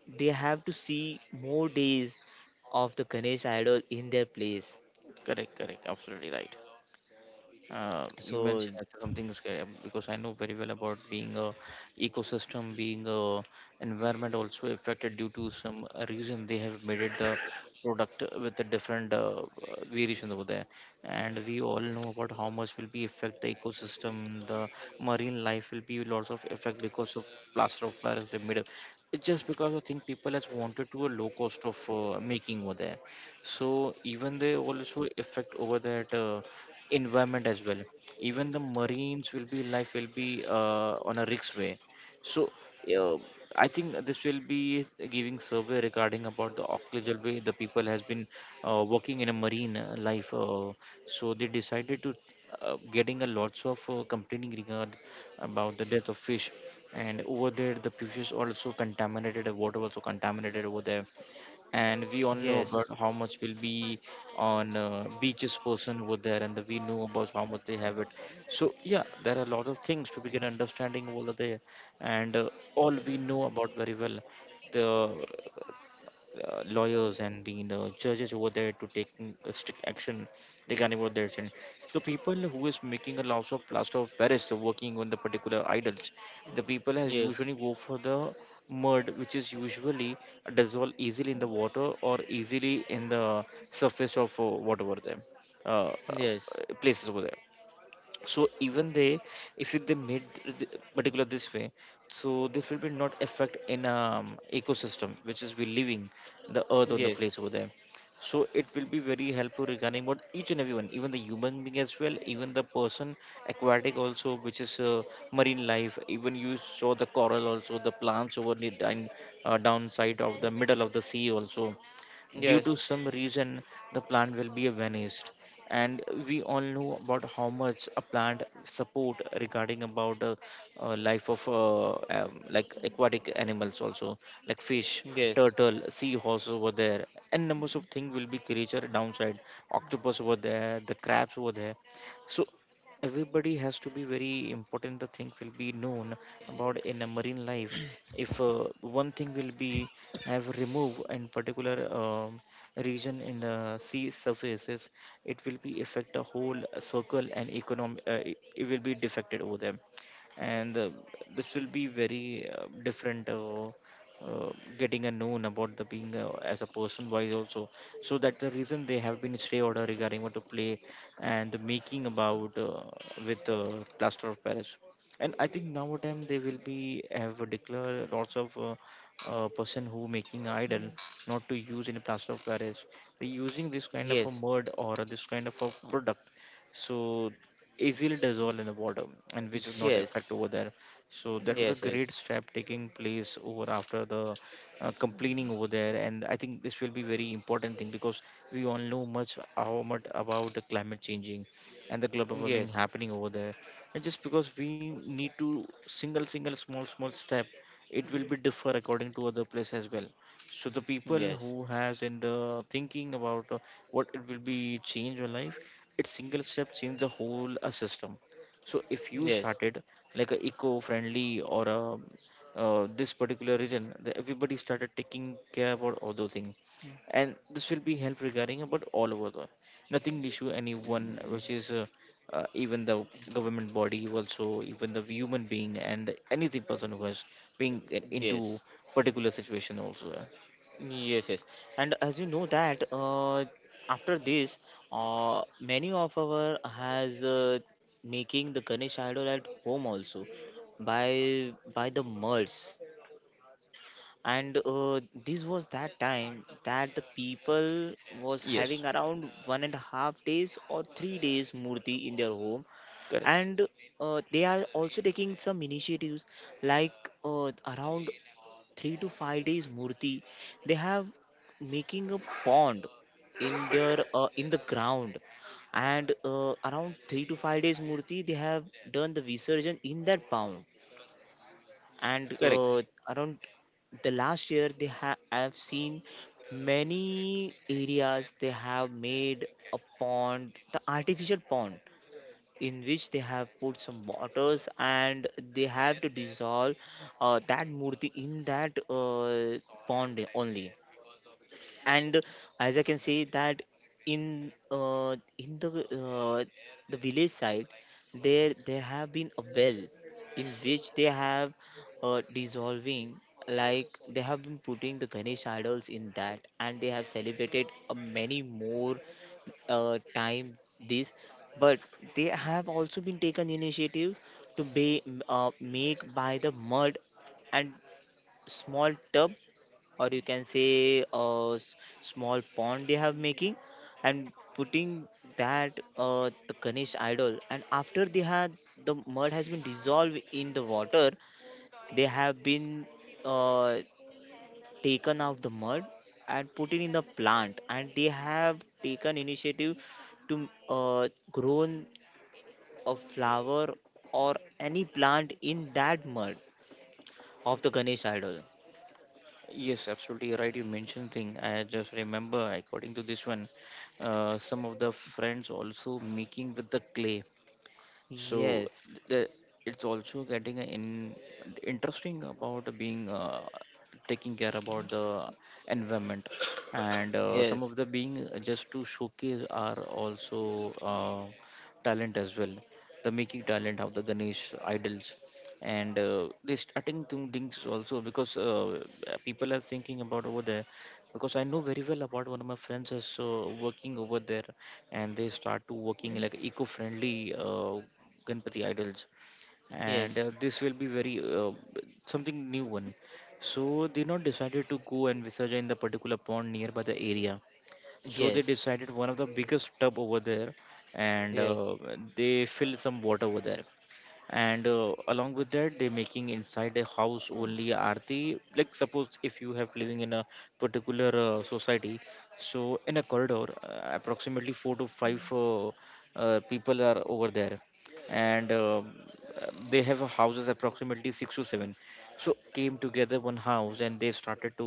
they have to see more days of the Ganesh idol in their place.
Correct, correct. Absolutely right. You
So
mentioned as something scary because I know very well about being a ecosystem, being a environment also affected due to some reason they have made it the product with a different variation over there. And we all know about how much will be affect the ecosystem, the marine life will be lots of effect because of plaster of paris they made up. It's just because I think people has wanted to a low cost of making over there. So even they also affect over that environment as well, even the marines will be life will be on a risk way. So uh, I think this will be giving survey regarding about the occasional way the people has been working in a marine life so they decided to getting a lots of complaining regard about the death of fish. And over there the fishes also contaminated, the water also contaminated over there. And we all
yes.
know about how much will be on beaches person over there, and we know about how much they have it. So yeah, there are a lot of things to begin understanding over there. And all we know about very well the lawyers and being judges over there to take strict action regarding what they're saying. So people who is making a loss of plaster of Paris working on the particular idols, the people has
Yes.
usually go for the mud, which is usually dissolved easily in the water or easily in the surface of whatever them uh,
Yes.
uh, places over there. So even they, if they made particular this way, so this will be not affect in ecosystem which is we living, the earth on the
Yes.
place over there. So it will be very helpful regarding what each and everyone, even the human being as well, even the person aquatic also which is marine life, even you saw the coral also, the plants over the down, downside of the middle of the sea also. Due to
Yes.
some reason, the plant will be vanished. And we all know about how much a plant support regarding about life of like aquatic animals also, like fish,
Yes. Yes.
turtle,
Yes.
seahorse over there, and numbers of things will be creature downside. Octopus over there, the crabs over there. So everybody has to be very important the thing will be known about in a marine life. If one thing will be have removed in particular region in the sea surfaces, it will be affect the whole circle and economy. It will be defected over them. And this will be very different uh, getting a known about the being as a person wise also. So that the reason they have been stay order regarding what to play and making about with plaster of paris. And I think now time they will be have declared lots of person who making idol not to use in plaster of paris, they using this kind of a
Yes.
mud or this kind of a product, so easily dissolve in the water and which is not effect over there. So that was a great
Yes.
step taking place over after the complaining over there. And I think this will be very important thing because we all know much how much about the climate changing and the global warming
Yes.
happening over there. And just because we need to single single small small step, it will be differ according to other place as well. So the people
Yes.
who has in the thinking about what it will be change your life, it single step change the whole system. So if you
Yes.
started like a eco-friendly or a this particular region, everybody started taking care about all those things,
Mm,
and this will be help regarding about all over the nothing issue
mm,
anyone which
mm.
is even the government body also, even the human being and anything person who has been into
Yes.
particular situation also
Yes, yes. And as you know that after this, many of our has making the Ganesh idol at home also, by the mulls. And this was that time that the people was having
yes,
around 1.5 days or 3 days murti in their home,
correct,
and they are also taking some initiatives like uh, around 3 to 5 days murti they have making a pond in the ground, and around 3 to 5 days murti they have done the visurgence in that pond. And
correct.
around the last year they have seen many areas they have made a pond, the artificial pond, in which they have put some waters, and they have to dissolve that murti in that pond only. And as I can say that in uh, in the uh, the village side, there have been a well in which they have dissolving, like they have been putting the Ganesh idols in that, and they have celebrated many more time this. But they have also been taken initiative to be make by the mud, and small tub, or you can say a small pond they have making and putting that the Ganesh idol, and after they had the mud has been dissolved in the water, they have been uh, taken out the mud and put it in the plant, and they have taken initiative to grown a flower or any plant in that mud of the Ganesh idol.
Yes, absolutely right, you mentioned thing. I just remember according to this one, some of the friends also making with the clay. So
Yes,
the, it's also getting in, interesting about being taking care about the environment. And some
yes,
of the being just to showcase are also talent as well, the making talent of the ganesh idols. And they starting to things also because people are thinking about over there, because I know very well about one of my friends is working over there, and they start to working like eco-friendly Ganpati idols. And
yes,
this will be very something new one. So they not decided to go and visit in the particular pond nearby the area. So they
yes,
decided one of the biggest tub over there, and
yes, yes,
they fill some water over there and along with that they making inside a house only aarti, like suppose if you have living in a particular society, so in a corridor approximately four to five people are over there and they have a houses approximately six to seven, so came together one house and they started to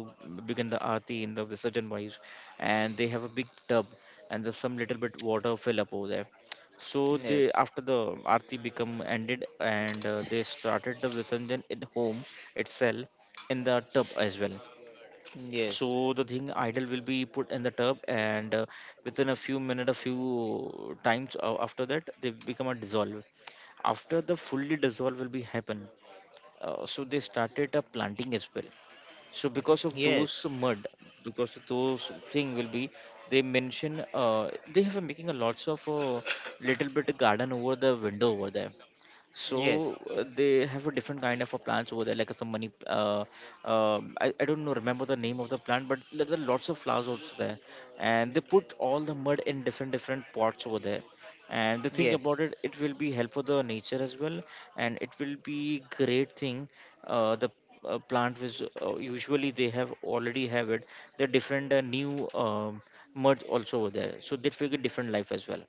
begin the aarti in the visurgent wise, and they have a big tub and there's some little bit water fill up over there. So they
yes,
after the arti become ended and they started the Visarjan in home itself, in the tub as well. So the thing idol will be put in the tub and within a few minutes, a few times after that they become a dissolve. After the fully dissolve will be happen, so they started a planting as well, so
yes,
because of
yes,
those mud, because of those thing will be, they mention they have been making a lots of little bit garden over the window over there.
yes, yes,
So
yes,
they have a different kind of a plants over there, like some money I don't know remember the name of the plant, but there are lots of flowers also there, and they put all the mud in different different pots over there. And the thing about it, it will be help for the nature as well, and it will be great thing. The plant was usually they have already have it, the different new mud also over there, so they figure different life as well.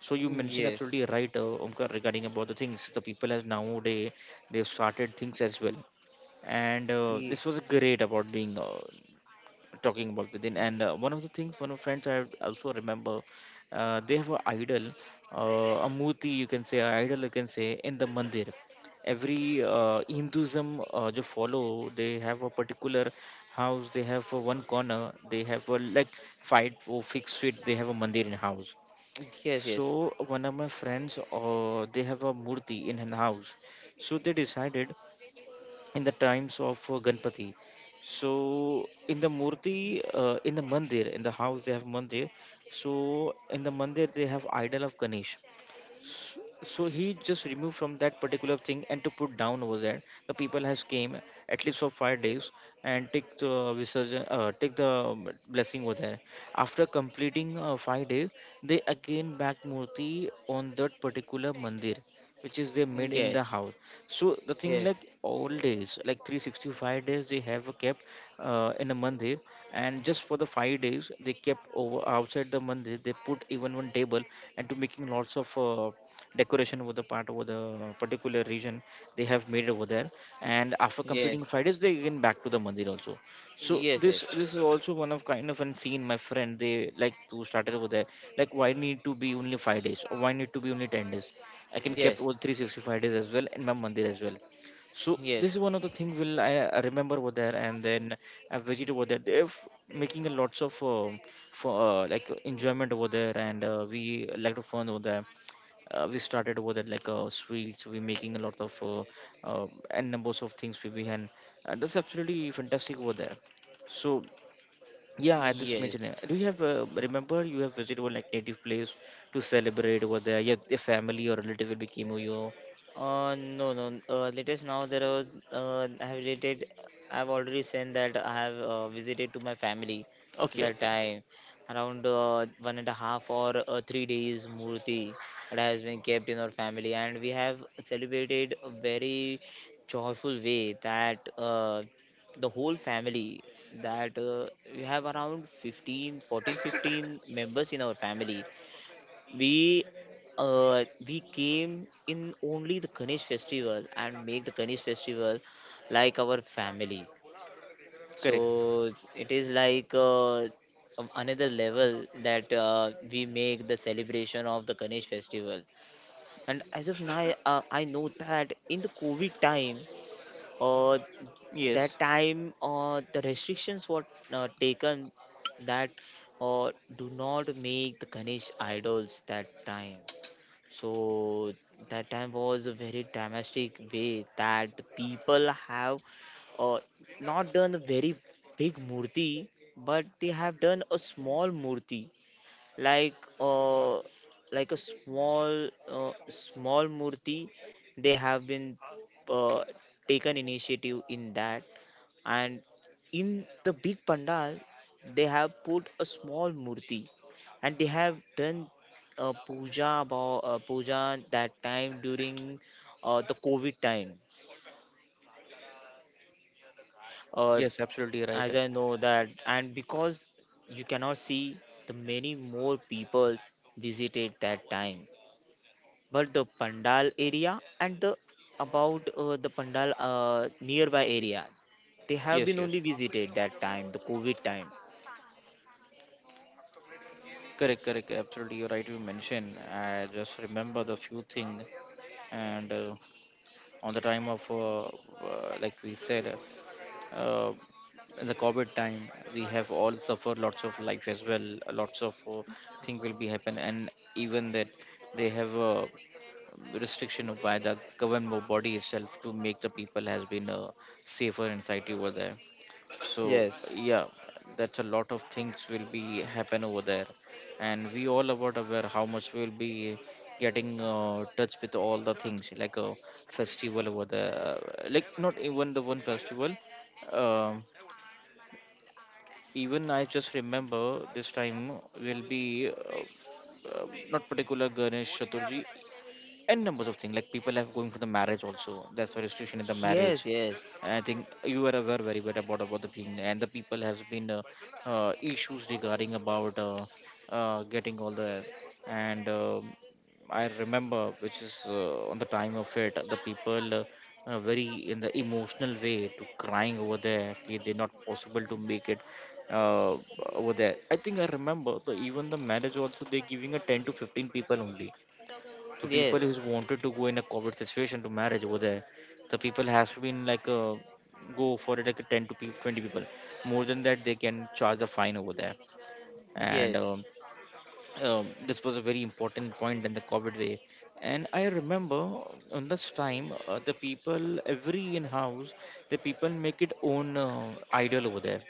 So you mentioned absolutely right, Omkar, regarding about the things, the people as nowadays they've started things as well, and this was great about being talking about within. And one of the things, one of friends I also remember, they have an idol, a murti you can say, an idol you can say, in the mandir. Every Hinduism जो follow, they have a particular house. They have one corner. They have a like five or fixed feet. They have a mandir in house.
yes,
So one of my friends, they have a murti in an house. So they decided in the times of Ganpati. So in the murti, in the mandir, in the house they have mandir. So in the mandir they have idol of Ganesh. S- so he just removed from that particular thing and to put down over there. The people has came at least for 5 days and take the resurgence, take the blessing over there. After completing 5 days they again back murti on that particular mandir, which is they
yes,
made in the
yes,
house. So the thing
yes,
like all days, like 365 days they have kept in a mandir, and just for the 5 days they kept over outside the mandir. They put even one table and to making lots of decoration over the part, over the particular region they have made over there. And after completing
yes,
5 days they again back to the mandir also. So this is also one of kind of unseen my friend they like to start it over there, like why need to be only 5 days, or why need to be only 10 days? I can kept
yes,
all 365 days as well in my mandir as well. So this
yes,
is one
yes,
of the thing will I remember over there, and then I've visited over there. They're making a lots of for like enjoyment over there, and we like to fun over there. We started over there like sweets. We're making a lot of and numbers of things we behind. That's absolutely fantastic over there. So yeah, I just mentioned
yes.
it. Do you have remember you have visited one like native place to celebrate over there? Your family or relative will became your.
No, no. Latest now there was I have related. I've already sent that I have visited to my family
Okay,
that
okay,
time around one and a half or 3 days Murti that has been kept in our family, and we have celebrated a very joyful way that the whole family, that we have around 15, 14, 15 members in our family. We uh, we came in only the Ganesh festival and make the Ganesh festival like our family.
correct.
So it is like another level that we make the celebration of the Ganesh festival. And as of now, I know that in the COVID time, uh,
Yes,
that time, the restrictions were taken, that do not make the Ganesh idols that time. So that time was a very dramatic way that the people have uh, not done a very big murti, but they have done a small murti, like uh, like a small murti. They have been uh, taken initiative in that, and in the big pandal they have put a small murti, and they have done a puja about puja that time during the COVID time. uh,
yes, absolutely right.
as I know that, and because you cannot see the many more people visited that time, but the pandal area and the pandal, nearby area, they have
Yes,
been
yes.
only visited that time, the COVID time.
Correct, correct. Absolutely, you're right. You mentioned. I just remember the few thing, and on the time of like we said, uh, in the COVID time, we have all suffered lots of life as well. Lots of thing will be happen, and even that they have a restriction by the government body itself to make the people has been safer and safety over there. So
Yes.
yeah, that's a lot of things will be happen over there, and we all about aware how much we'll be getting touch with all the things like a festival over there. Like not even the one festival, um, even I just remember this time will be not particular ganesh chaturji, and numbers of things like people have going for the marriage also, that's why restriction in the marriage.
Yes, yes,
And I think you are aware very well about the thing, and the people has been issues regarding about getting all the, and I remember which is on the time of it the people very in the emotional way to crying over there, okay, they're not possible to make it uh, over there. I think I remember even the marriage also they're giving a 10 to 15 people only, the people
yes,
who's wanted to go in a COVID situation to marriage over there. The people has to be in like a go for it like a 10 to 20 people, more than that they can charge the fine over there. And
yes,
this was a very important point in the covid way, and I remember on this time the people every in house, the people make it own idol over there,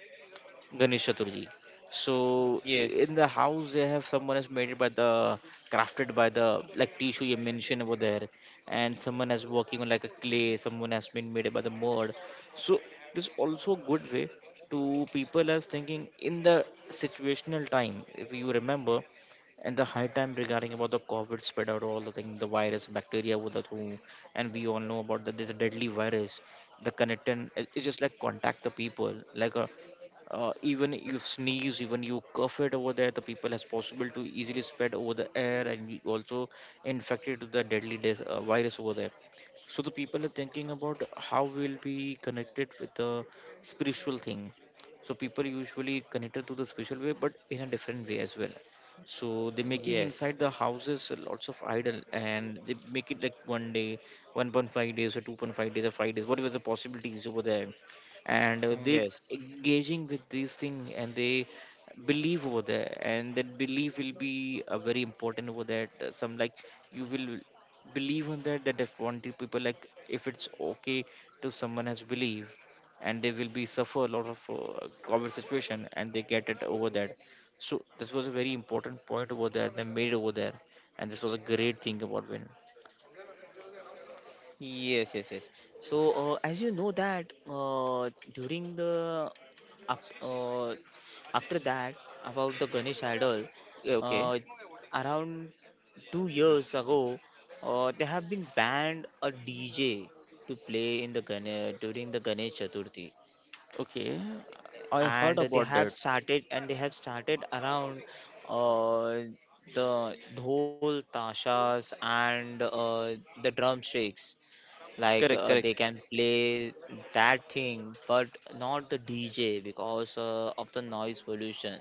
Ganesh Chaturthi. So
yes,
in the house they have someone has made it by the, crafted by the, like tissue you mentioned over there, and someone has working on like a clay. Someone has been made it by the mud. So this also good way to people as thinking in the situational time. If you remember, and the high time regarding about the COVID spread out all the thing, the virus, bacteria, with the thing, and we all know about that this deadly virus. The connectant, it's just like contact the people, like a even you sneeze, even you cough it over there, the people has possible to easily spread over the air, and you also infected with the deadly virus over there. So the people are thinking about how we'll be connected with the spiritual thing. So people usually connected to the spiritual way but in a different way as well. So they're making
yes,
inside the houses lots of idol, and they make it like one day, 1.5 days or 2.5 days or 5 days, whatever the possibilities over there. And they
yes,
engaging with these things, and they believe over there, and that belief will be very important over that some like you will believe on that, that if one two people, like if it's okay, to someone has believe and they will be suffer a lot of common situation and they get it over that. So this was a very important point over there they made over there, and this was a great thing about when.
yes, yes, yes. So, as you know that during the after, uh, after that, about the Ganesh idol,
Yeah, okay,
uh, around 2 years ago, they have been banned a DJ to play in the Ganesh during the Ganesh Chaturthi.
okay. I heard
and they
about
have
that.
started and they have started around uh, the dhol tashas, and the drumsticks, like
Correct,
they
correct.
can play that thing, but not the DJ because of the noise pollution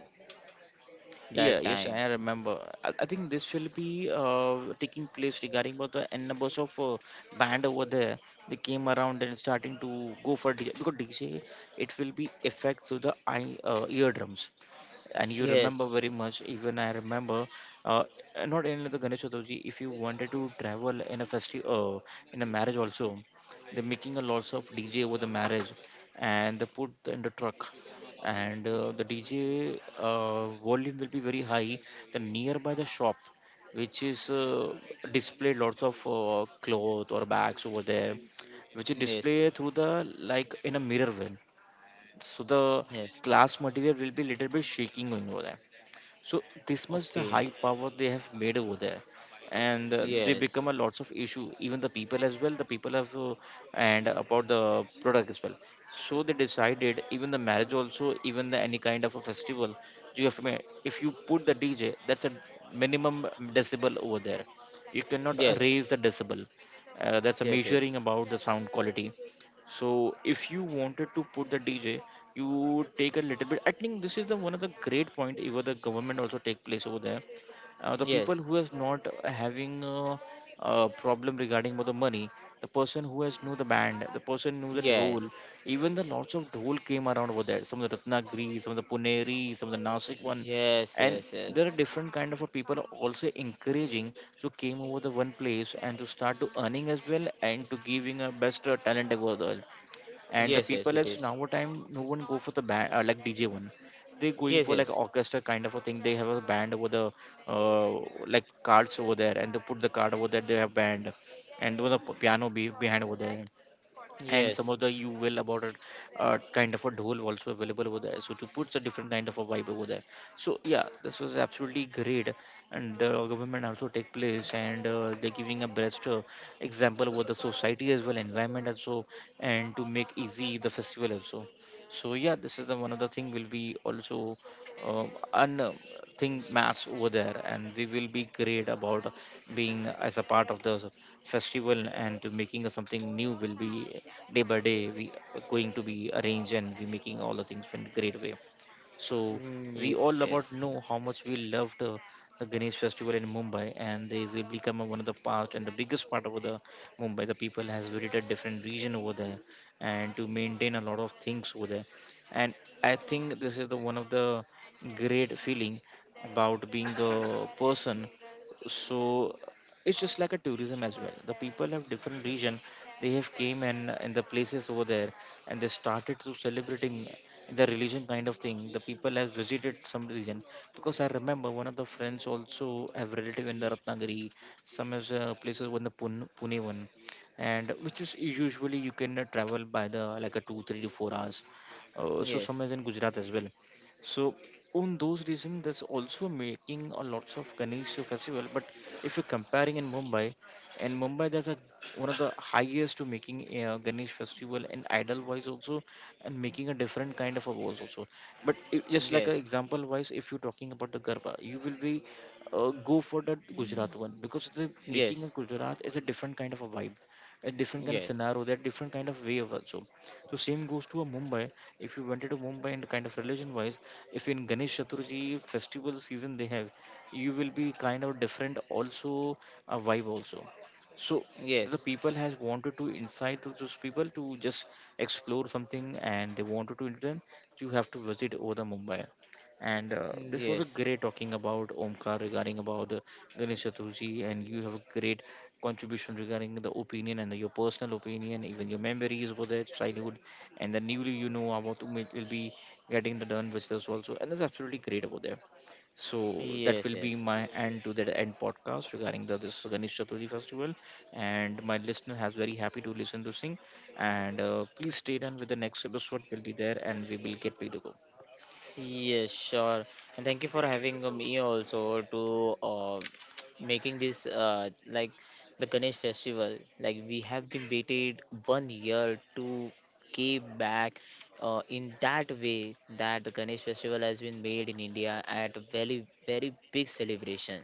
Yeah,
that
yes,
time.
I remember. I think this will be taking place regarding about the n numbers of band over there. They came around and starting to go for DJ, because DJ it will be effect through the eye eardrums, and you remember
Yes,
very much, even I remember, uh, not only the ganesh Chaturthi, if you wanted to travel in a festive in a marriage also, they're making a lots of dj over the marriage, and they put in the truck, and the dj volume will be very high, the nearby the shop, which is displayed lots of cloth or bags over there, which is
yes,
displayed through the like in a mirror way. So the
yes,
class material will be little bit shaking going over there, so this much the
okay,
high power they have made over there. And they become
yes,
a lots of issue, even the people as well, the people have and about the product as well. So they decided even the marriage also, even the any kind of a festival, you have to if you put the dj, that's a minimum decibel over there, you cannot
yes,
raise the decibel, that's a
yes,
measuring
yes,
about the sound quality. So if you wanted to put the DJ, you take a little bit. I think this is the one of the great point. Even the government also take place over there. The people
yes,
who is not having a problem regarding about the money, the person who has knew the band, the person knew the dhol,
yes.
even the lots of dhol came around over there. Some of the Ratnagiri, some of the Puneri, some of the Nasik one,
Yes,
and
yes,
there are
yes.
different kind of a people also encouraging to came over the one place and to start to earning as well and to giving a best talent over there. And the
Yes, yes,
people
it
as now
is.
time no one go for the band like DJ one, they going
Yes,
for like
yes.
orchestra kind of a thing. They have a band over the uh, like cards over there, and they put the card over there, they have band. And there was a piano behind over there, and some
Yes.
of the you will about it, kind of a dhol also available over there, so to put a different kind of a vibe over there. So yeah, this was absolutely great. And the government also take place and they're giving a best example over the society as well, environment also, and to make easy the festival also. So yeah, this is the one of the thing will be also an thing match over there, and we will be great about being as a part of this festival, and to making a something new will be, day by day we are going to be arranged and we making all the things in great way. So
Mm,
we all about
yes.
know how much we loved the Ganesh festival in Mumbai, and they will become one of the part and the biggest part of the Mumbai. The people has visited different region over there, and to maintain a lot of things over there. And I think this is the one of the great feeling about being a person. So it's just like a tourism as well. The people have different region, they have came and in the places over there, and they started to celebrating the religion kind of thing. The people have visited some religion, because I remember one of the friends also have relative in the Ratnagiri, some is places in the Pune one, and which is usually you can travel by the like a 2 3 to 4 hours. So some is
Yes.
in Gujarat as well. So on those reasons, there's also making a lots of Ganesh festival. But if you're comparing in Mumbai, and Mumbai that's a, one of the highest to making Ganesh festival and idol wise also, and making a different kind of a voice also. But just like an
Yes.
example wise, if you're talking about the Garba you will be go for the Gujarat one, because the making a
Yes.
Gujarat is a different kind of a vibe, a different kind of
Yes.
scenario, that different kind of way of also. So so same goes to a Mumbai. If you went to Mumbai and kind of religion wise, if in Ganesh Chaturthi festival season they have, you will be kind of different also, a vibe also. So the
Yes.
people has wanted to incite to those people to just explore something, and they wanted to, then you have to visit over the Mumbai. And
Yes.
this was a
Yes.
great talking about Omkar regarding about Ganesh Chaturthi, and you have a great contribution regarding the opinion and your personal opinion, even your memories over there childhood, and the newly you know about will be getting the done visitors also, and that's absolutely great over there. So that will be
Yes.
my end to the end podcast regarding the this Ganesh Chaturthi festival. And my listener has very happy to listen to sing. And please stay done with the next episode. Will be there and we will get paid to go.
Yes. Sure. And thank you for having me also to making this like the Ganesh festival. Like we have been waited one year to came back in that way that the Ganesh festival has been made in India at a very, very big celebration.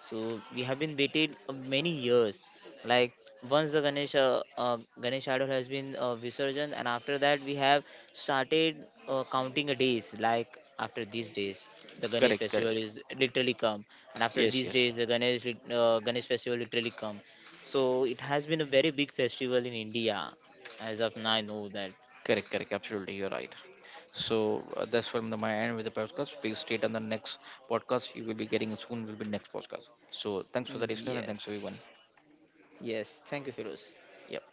So we have been waited many years. Like once the Ganesh idol has been visurgent, and after that we have started counting a days. Like after these days, the Ganesh
Correct, correct.
festival is literally come, and after
Yes,
these
yes.
days, the Ganesh Ganesh festival literally come. So it has been a very big festival in India, as of now I know that.
Correct, correct. Absolutely, you're right. So that's from the, my end with the podcast. Please stay on the next podcast. You will be getting soon. Will be next podcast. So thanks for the listener and thanks everyone.
Yes. Yes. Thank you, Firoz.
Yeah.